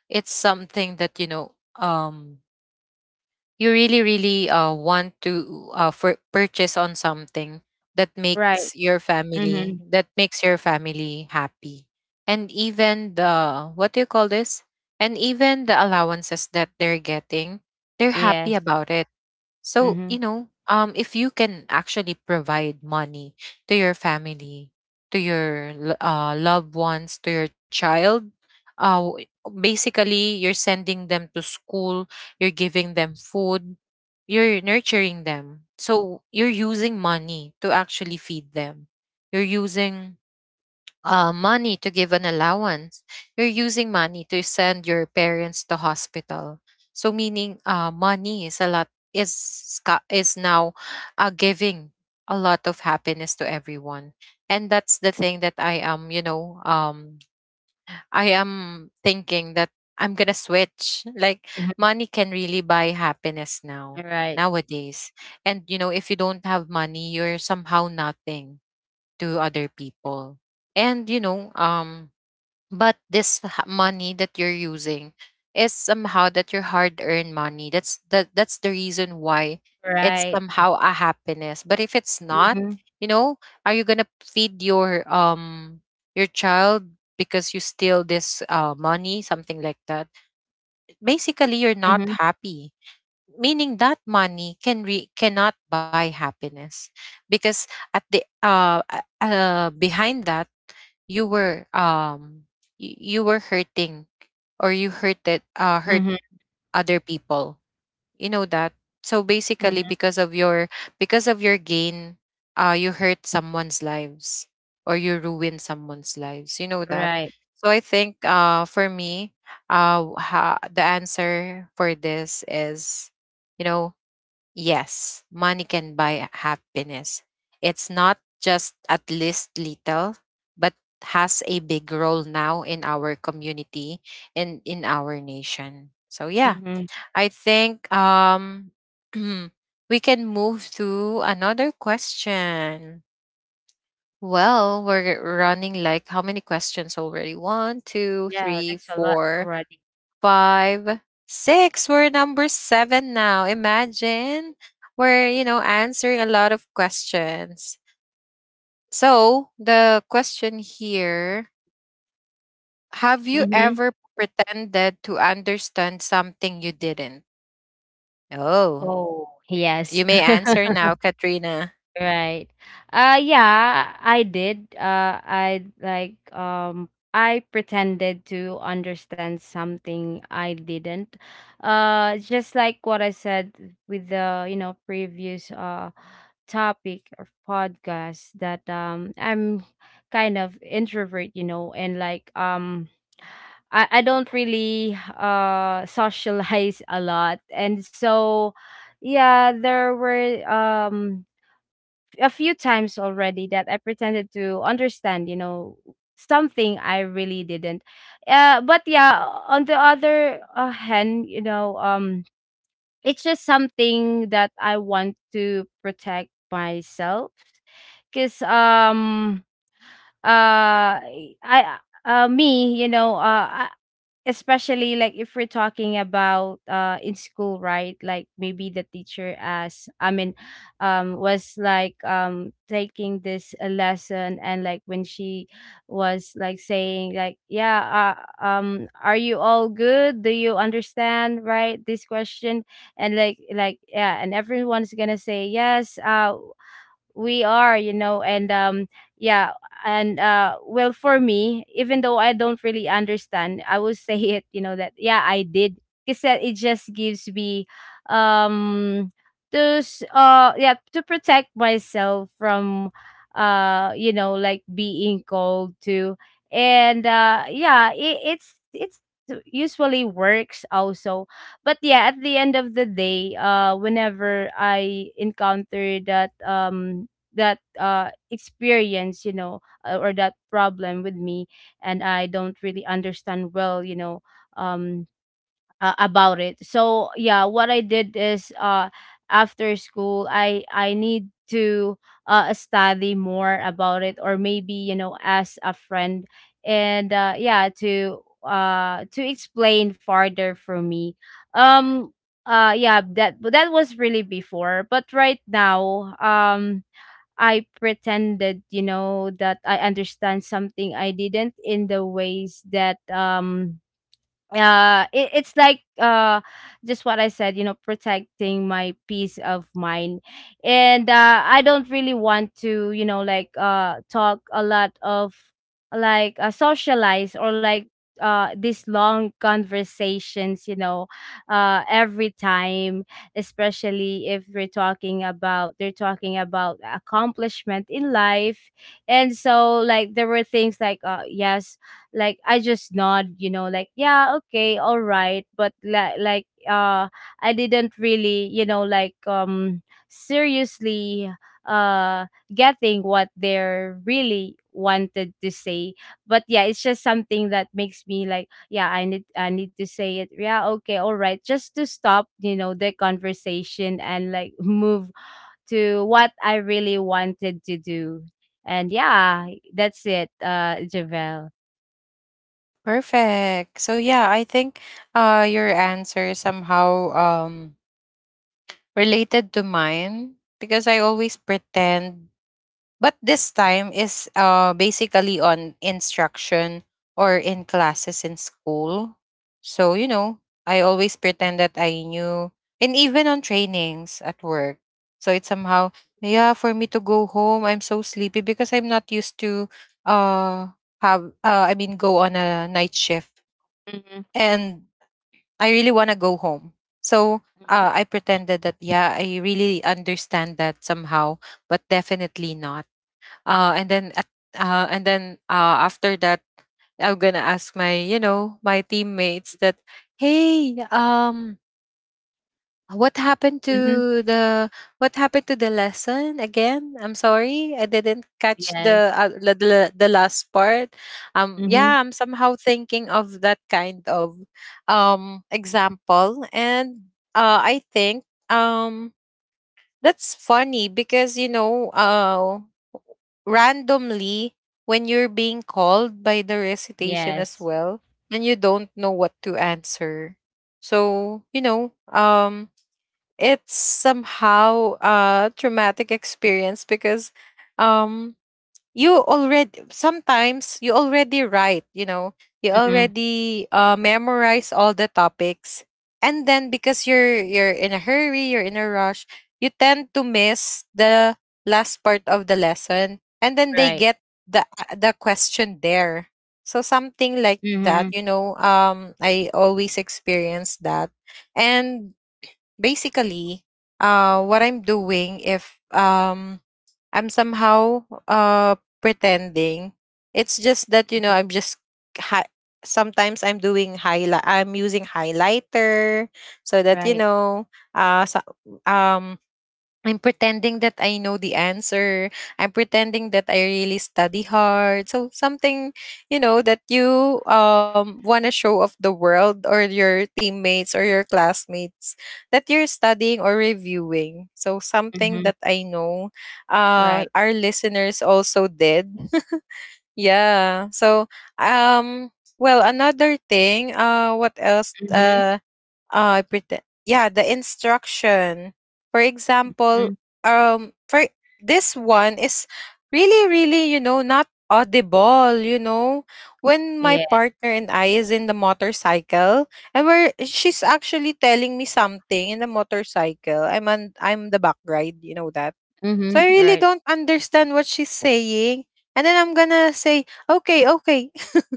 Speaker 1: it's something that you know you really really want to for purchase on something that
Speaker 2: Right.
Speaker 1: makes your
Speaker 2: Mm-hmm.
Speaker 1: family happy, and even the what do you call this, and even the allowances that they're getting, they're happy
Speaker 2: Yes.
Speaker 1: about it. So,
Speaker 2: Mm-hmm.
Speaker 1: you know, if you can actually provide money to your family, to your loved ones, to your child, uh, w- basically you're sending them to school, you're giving them food, you're nurturing them. So you're using money to actually feed them. You're using money to give an allowance. You're using money to send your parents to hospital. So meaning money is a lot is is now giving a lot of happiness to everyone. And that's the thing that I am, you know, I am thinking that I'm gonna switch. Like
Speaker 2: Mm-hmm.
Speaker 1: money can really buy happiness now
Speaker 2: Right.
Speaker 1: nowadays. And you know, if you don't have money, you're somehow nothing to other people. And you know, but this money that you're using is somehow that your hard-earned money. That's the reason why it's
Speaker 2: Right.
Speaker 1: somehow a happiness. But if it's not,
Speaker 2: Mm-hmm.
Speaker 1: you know, are you going to feed your child because you steal this money, something like that? Basically, you're not
Speaker 2: Mm-hmm.
Speaker 1: happy. Meaning that money can cannot buy happiness because at the behind that you were you were hurting or you hurt
Speaker 2: Mm-hmm.
Speaker 1: other people, you know that. So basically because of your gain, you hurt someone's lives or you ruin someone's lives, you know that.
Speaker 2: Right.
Speaker 1: So I think for me, the answer for this is, you know, yes, money can buy happiness. It's not just at least little, but has a big role now in our community and in our nation. So yeah,
Speaker 2: Mm-hmm.
Speaker 1: I think we can move to another question. Well, we're running like how many questions already? One, two,
Speaker 2: Yeah,
Speaker 1: three,
Speaker 2: that's a lot
Speaker 1: four,
Speaker 2: already.
Speaker 1: five, six. We're number seven now. Imagine we're, you know, answering a lot of questions. So the question here, have you
Speaker 2: Mm-hmm.
Speaker 1: ever pretended to understand something you didn't? Oh,
Speaker 2: Oh,
Speaker 1: you
Speaker 2: yes.
Speaker 1: may answer now, Katrina.
Speaker 2: Right. Yeah, I did. I pretended to understand something I didn't. Just like what I said with the, previous topic or podcast, that I'm kind of introvert, and like I don't really socialize a lot. And so yeah, there were a few times already that I pretended to understand, something I really didn't. But yeah, on the other hand, it's just something that I want to protect myself. Because uh I me you know I, especially like if we're talking about in school, right? Like maybe the teacher, as I mean, was like taking this lesson, and like when she was like saying, like, yeah, are you all good, do you understand, right, this question? And like, yeah, and everyone's gonna say yes, we are, and yeah. And well, for me, even though I don't really understand, I will say it, you know, that yeah, I did, because it just gives me, um to yeah, to protect myself from, you know, like being cold too. And yeah, it's usually works also. But yeah, at the end of the day, whenever I encounter that, that experience, or that problem with me, and I don't really understand well, um about it. So yeah, what I did is, after school, I need to study more about it, or maybe, ask a friend, and yeah, to explain farther for me. um yeah, that, but that was really before. But right now, I pretended, that I understand something I didn't, in the ways that, it's like, just what I said, protecting my peace of mind. And I don't really want to, like talk a lot of socialize or like these long conversations every time, especially if we're talking about they're talking about accomplishment in life. And so like there were things like yes, like I just nod, like yeah, okay, all right, but like I didn't really, like seriously uh getting what they're really wanted to say. But yeah, it's just something that makes me like, yeah, I need to say it. Yeah, okay, all right. Just to stop, you know, the conversation and like move to what I really wanted to do. And yeah, that's it, Javel.
Speaker 1: Perfect. So yeah, I think your answer is somehow related to mine because I always pretend. But this time is basically on instruction or in classes in school. So, you know, I always pretend that I knew, and even on trainings at work. So it's somehow, yeah, for me to go home, I'm so sleepy because I'm not used to uh, have, I mean, go on a night shift. And I really want to go home. So I pretended that, yeah, I really understand that somehow, but definitely not, uh, and then at, and then after that I'm gonna ask my, you know, my teammates that, hey, what happened
Speaker 2: Mhm.
Speaker 1: to the lesson again, I'm sorry I didn't catch
Speaker 2: Yes.
Speaker 1: the the last part.
Speaker 2: Mhm.
Speaker 1: Yeah, I'm somehow thinking of that kind of example, and I think that's funny because, you know, randomly when you're being called by the recitation as
Speaker 2: Yes.
Speaker 1: well, and you don't know what to answer. So you know, it's somehow a traumatic experience because, um, you already sometimes you already write, you know, you
Speaker 2: Mhm.
Speaker 1: already memorize all the topics, and then because you're in a hurry, you're in a rush, you tend to miss the last part of the lesson, and then they
Speaker 2: Right.
Speaker 1: get the the, question there. So something like that,
Speaker 2: Mhm.
Speaker 1: you know, I always experience that. And basically what I'm doing, if I'm somehow pretending. It's just that, you
Speaker 2: Mhm.
Speaker 1: know, I'm just hi- sometimes I'm doing highlight. I'm using highlighter so that, you
Speaker 2: Right.
Speaker 1: know, so, um I'm pretending that I know the answer. I'm pretending that I really study hard. So something, you know, that you want to show off the world or your teammates or your classmates that you're studying or reviewing. So something
Speaker 2: Mhm.
Speaker 1: that I know
Speaker 2: Right.
Speaker 1: our listeners also did. Yeah. So um well, another thing, what else
Speaker 2: Mhm.
Speaker 1: pretend, yeah, the instruction, for
Speaker 2: Mm.
Speaker 1: example, for this one is really really, you know, not audible, you know, when my
Speaker 2: Yeah.
Speaker 1: partner and I is in the motorcycle, and where she's actually telling me something in the motorcycle, I'm on, I'm the back ride, you know that. So
Speaker 2: Mhm.
Speaker 1: I really
Speaker 2: Right.
Speaker 1: don't understand what she's saying, and then I'm gonna say, okay, okay.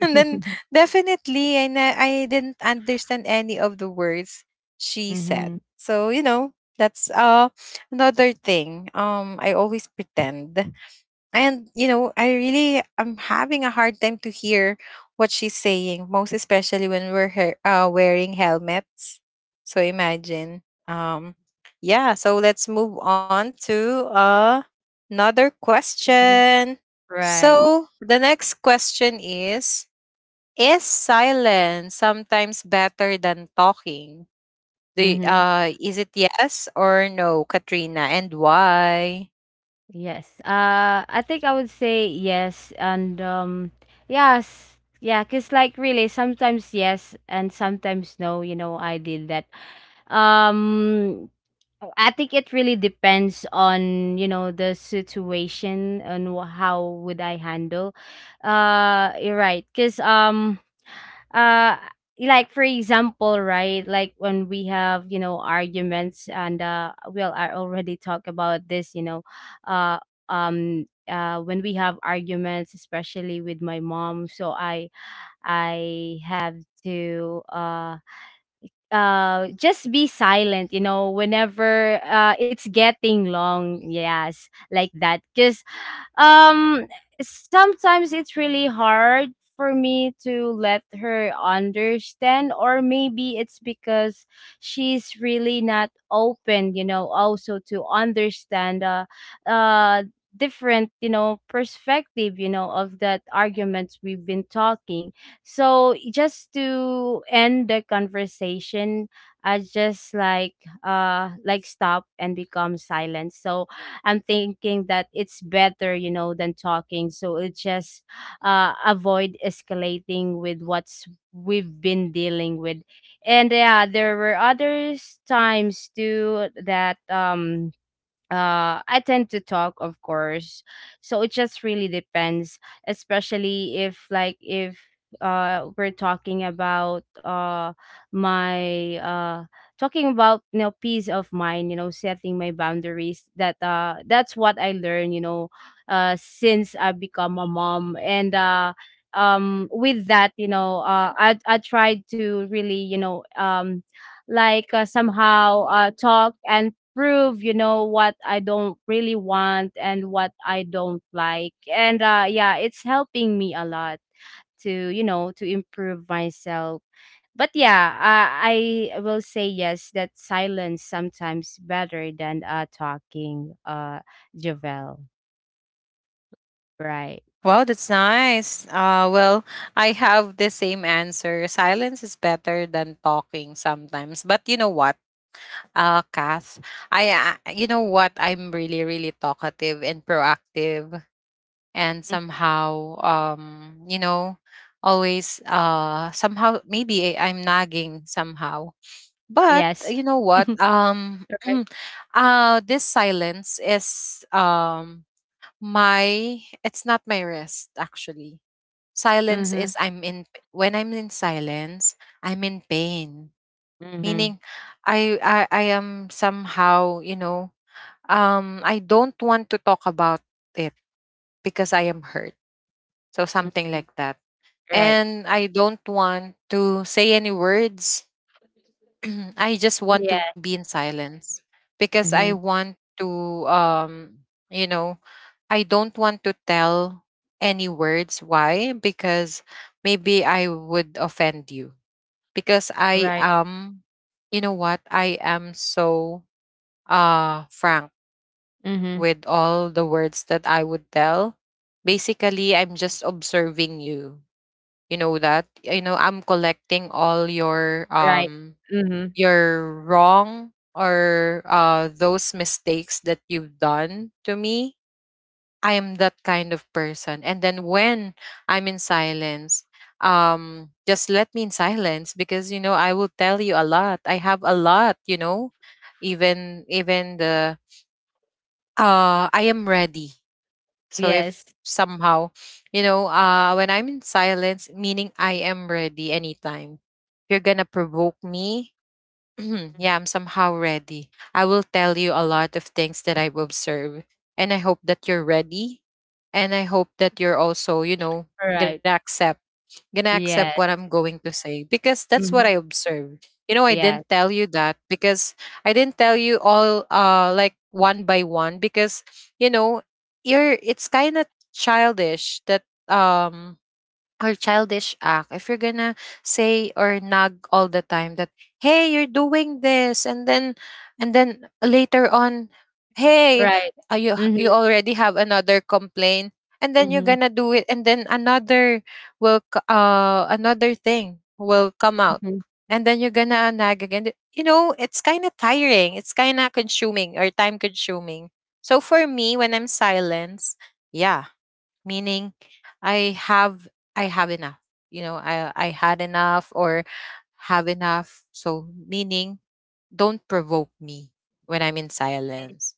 Speaker 1: And then definitely, and I didn't understand any of the words she said.
Speaker 2: Mhm.
Speaker 1: So, you know, that's another thing. I always pretend. And you know, I really am having a hard time to hear what she's saying, most especially when we're wearing helmets. So imagine. Yeah, so let's move on to another
Speaker 2: Mhm.
Speaker 1: question.
Speaker 2: Right.
Speaker 1: So, the next question is silence sometimes better than talking? The
Speaker 2: Mhm.
Speaker 1: is it yes or no, Katrina, and why?
Speaker 2: Yes. I think I would say yes, and yes, yeah, cause like really sometimes yes and sometimes no. You know, I did that. Um, Oh, I think it really depends on, you know, the situation and how would I handle. You're right. Cause uh like for example, right, like when we have, you know, arguments and well I already talked about this, you know, uh when we have arguments, especially with my mom, so I have to just be silent you know whenever it's getting long, yes, like that, because um sometimes it's really hard for me to let her understand, or maybe it's because she's really not open you know also to understand uh different you know perspective you know of that arguments we've been talking. So just to end the conversation, I just like stop and become silent. So I'm thinking that it's better, you know, than talking. So it just avoid escalating with what's we've been dealing with. And yeah, there were others times too that I tend to talk of course, so it just really depends, especially if like if we're talking about my talking about you know peace of mind, you know, setting my boundaries, that that's what I learned, you know, since I become a mom, and with that you know I tried to really you know somehow talk and prove, you know, what I don't really want and what I don't like. And yeah, it's helping me a lot to, you know, to improve myself. But yeah, I will say yes, that silence sometimes better than talking, Javel. Right.
Speaker 1: Wow, that's nice. Well, I have the same answer. Silence is better than talking sometimes. But you know what? Kath, I, you know what? I'm really really talkative and proactive, and
Speaker 2: Mm.
Speaker 1: somehow you know, always somehow maybe I'm nagging somehow, but
Speaker 2: Yes.
Speaker 1: you know what,
Speaker 2: Right.
Speaker 1: this silence is my, it's not my rest actually. Silence
Speaker 2: Mm-hmm.
Speaker 1: is, I'm in, when I'm in silence, I'm in pain.
Speaker 2: Mm-hmm.
Speaker 1: Meaning I am somehow, you know, I don't want to talk about it because I am hurt, so something
Speaker 2: Hmm.
Speaker 1: like that.
Speaker 2: Right.
Speaker 1: And I don't want to say any words. I just want to
Speaker 2: Yeah.
Speaker 1: be in silence because I
Speaker 2: Mm-hmm.
Speaker 1: want to, um you know, I don't want to tell any words, why? Because maybe I would offend you, because I
Speaker 2: Right.
Speaker 1: am, you know what, I am so frank
Speaker 2: Mm-hmm.
Speaker 1: with all the words that I would tell. Basically, I'm just observing you, you know that, you know, I'm collecting all your
Speaker 2: Right. Mm-hmm.
Speaker 1: you're wrong, or those mistakes that you've done to me. I am that kind of person. And then when I'm in silence, just let me in silence because you know I will tell you a lot. I have a lot, you know, even the I am ready. So if
Speaker 2: Yes.
Speaker 1: somehow, you know, when I'm in silence, meaning I am ready anytime. If you're gonna provoke me, yeah, I'm somehow ready. I will tell you a lot of things that I've observed. And I hope that you're ready. And I hope that you're also, you know,
Speaker 2: Right.
Speaker 1: gonna accept,
Speaker 2: Yeah.
Speaker 1: what I'm going to say. Because that's what
Speaker 2: Mhm.
Speaker 1: I observed. You know, I
Speaker 2: Yes.
Speaker 1: didn't tell you that because I didn't tell you all like one by one because, you know, you're, it's kinda childish that um or childish act if you're gonna say or nag all the time that, hey, you're doing this, and then, and then later on, hey,
Speaker 2: Right.
Speaker 1: you, you
Speaker 2: Mhm.
Speaker 1: already have another complaint, and then you're
Speaker 2: Mhm.
Speaker 1: gonna do it, and then another will another thing will come out,
Speaker 2: Mhm.
Speaker 1: and then you're gonna nag again, you know, it's kind of tiring, it's kind of consuming or time consuming. So for me when I'm silenced, yeah, meaning I have, I have enough, you know, I had enough or have enough, so meaning, don't provoke me when I'm in silence.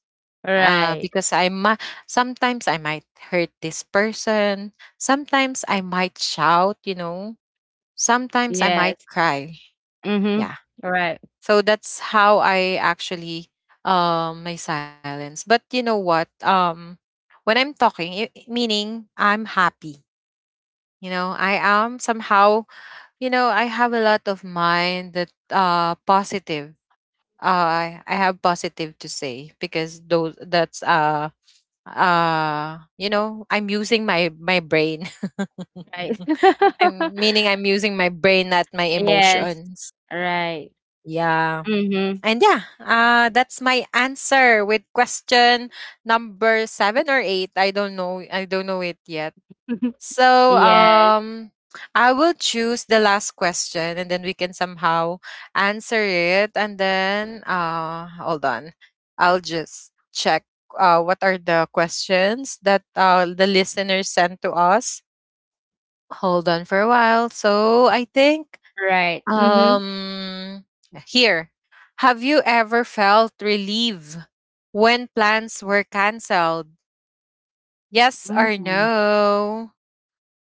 Speaker 2: Right.
Speaker 1: Because I might, sometimes I might hurt this person, sometimes I might shout, you know, sometimes I might
Speaker 2: Yes.
Speaker 1: cry,
Speaker 2: Mhm.
Speaker 1: yeah.
Speaker 2: Right.
Speaker 1: So that's how I actually, my silence. But you know what, when I'm talking, meaning I'm happy. You know, I am somehow, you know, I have a lot of mind that positive. I I have positive to say because those that's you know I'm using my brain
Speaker 2: Right.
Speaker 1: I'm meaning I'm using my brain, not my
Speaker 2: Yes.
Speaker 1: emotions.
Speaker 2: Right.
Speaker 1: Yeah.
Speaker 2: Mhm.
Speaker 1: And yeah, that's my answer with question number seven or eight, I don't know, it yet. So
Speaker 2: Yes.
Speaker 1: I will choose the last question, and then we can somehow answer it, and then hold on. I'll just check what are the questions that the listeners sent to us. Hold on for a while. So I think
Speaker 2: Right. Mhm.
Speaker 1: um here. Have you ever felt relief when plans were cancelled? Yes or
Speaker 2: Mm.
Speaker 1: no?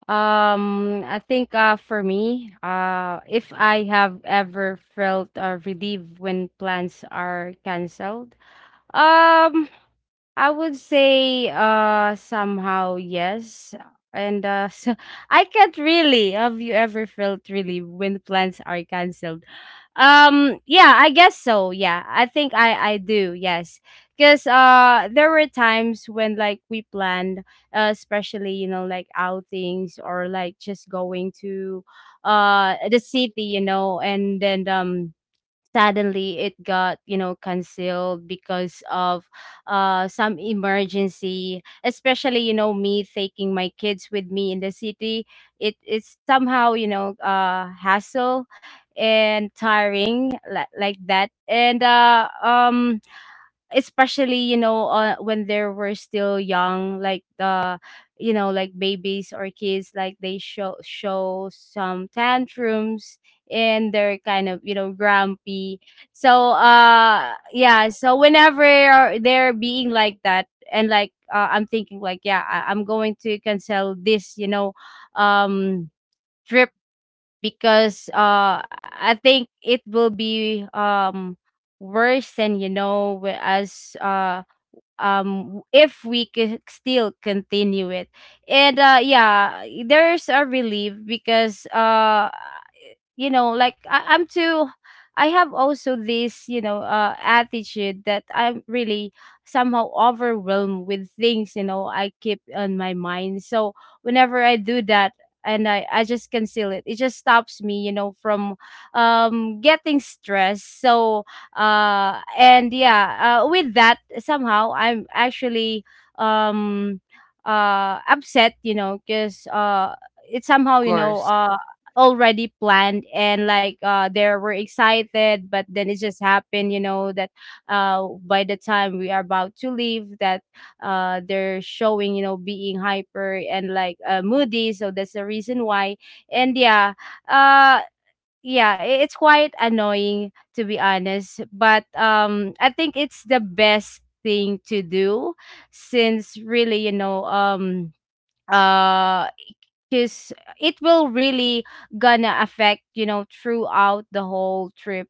Speaker 2: I think for me, if I have ever felt relieved when plans are canceled, Um, I would say somehow yes. And so I can't really. Have you ever felt really when plans are cancelled? Um, yeah, I guess so. Yeah. I think I do. Yes. Cuz there were times when like we planned especially you know like outings or like just going to the city, you know, and then suddenly it got you know canceled because of some emergency, especially you know me taking my kids with me in the city. It's somehow you know hassle and tiring, like that, and especially you know when they were still young like the you know like babies or kids, like they show some tantrums and they're kind of you know grumpy. So yeah, so whenever they're being like that and like I'm thinking like yeah I'm going to cancel this you know um trip, because I think it will be worse than you know as if we could still continue it. And yeah, there's a relief because you know like I'm too, I have also this you know attitude that I'm really somehow overwhelmed with things you know I keep on my mind. So whenever I do that, and I just conceal it. It just stops me, you know, from getting stressed. So, and yeah, with that, somehow I'm actually um, upset, you know, because it
Speaker 1: Of
Speaker 2: somehow, you know,
Speaker 1: course.
Speaker 2: already planned and like they were excited but then it just happened you know that by the time we are about to leave that they're showing you know being hyper and like moody, so that's the reason why. And yeah, uh yeah, it's quite annoying to be honest, but I think it's the best thing to do since really you know uh because it will really gonna affect you know throughout the whole trip.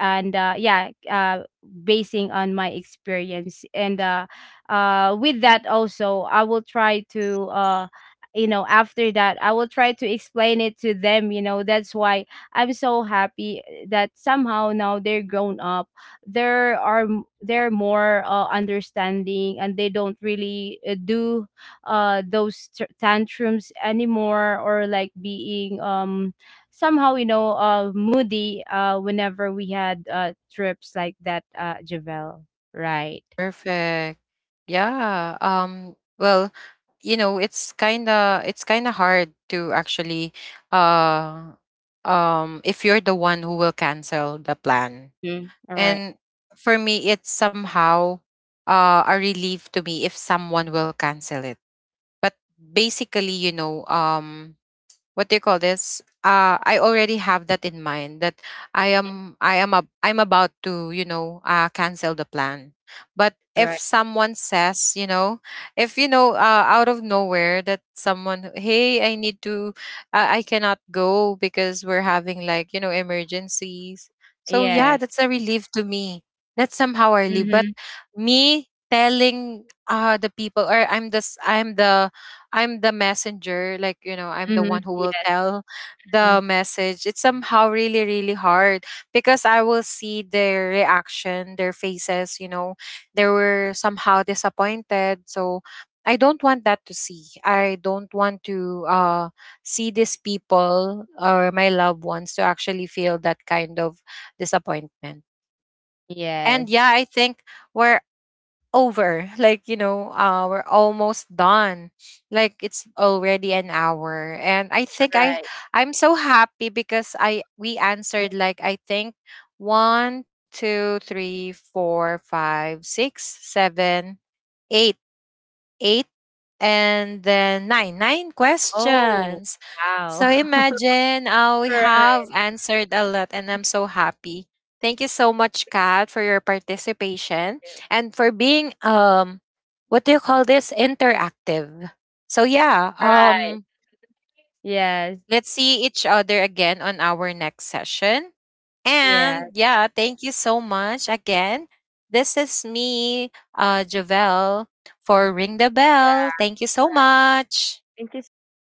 Speaker 2: And yeah, basing on my experience, and with that also I will try to you know, after that I will try to explain it to them, you know, that's why I'm so happy, eh, that somehow now they're grown up. There are they're more understanding, and they don't really do those tantrums anymore, or like being somehow you know moody whenever we had trips like that, Javel. Right.
Speaker 1: Perfect. Yeah. Well, you know, it's kind of hard to actually uh if you're the one who will cancel the plan.
Speaker 2: Mm, all right.
Speaker 1: And for me it's somehow a relief to me if someone will cancel it. But basically, you know, what do you call this, I already have that in mind that I
Speaker 2: Mhm.
Speaker 1: am, I'm about to, you know, cancel the plan. But
Speaker 2: All
Speaker 1: if
Speaker 2: right.
Speaker 1: someone says, you know, if you know, out of nowhere that someone, hey, I need to, I cannot go because we're having like, you know, emergencies, so yeah,
Speaker 2: Yes.
Speaker 1: that's a relief to me. That's somehow a relief. But
Speaker 2: Mm-hmm.
Speaker 1: me telling the people, or I'm this, I'm the, I'm the messenger, like, you know, I'm the
Speaker 2: Mm-hmm.
Speaker 1: one who will
Speaker 2: Yes.
Speaker 1: tell
Speaker 2: Mm,
Speaker 1: the message. It's somehow really, really hard because I will see their reaction, their faces, you know, they were somehow disappointed. So I don't want that to see. I don't want to see these people or my loved ones to actually feel that kind of disappointment. And
Speaker 2: yes.
Speaker 1: yeah, I think, where, over, like, you know, we're almost done, like it's already an hour. And I think
Speaker 2: Right.
Speaker 1: I'm so happy because I we
Speaker 2: Mm.
Speaker 1: answered like I think one, two, three, four, five, six, seven, eight, eight, and then nine, nine
Speaker 2: Oh,
Speaker 1: questions.
Speaker 2: wow.
Speaker 1: So imagine, we have
Speaker 2: Right.
Speaker 1: answered a lot, and I'm so happy. Thank you so much, Kat, for your participation and for being what do you call this, interactive. So yeah,
Speaker 2: Right. Yes.
Speaker 1: let's see each other again on our next session,
Speaker 2: Yes.
Speaker 1: and yeah, thank you so much again. This is me, Javelle, for Ring the
Speaker 2: Yeah.
Speaker 1: Bell. Thank you so
Speaker 2: Right.
Speaker 1: much.
Speaker 2: Thank you so much,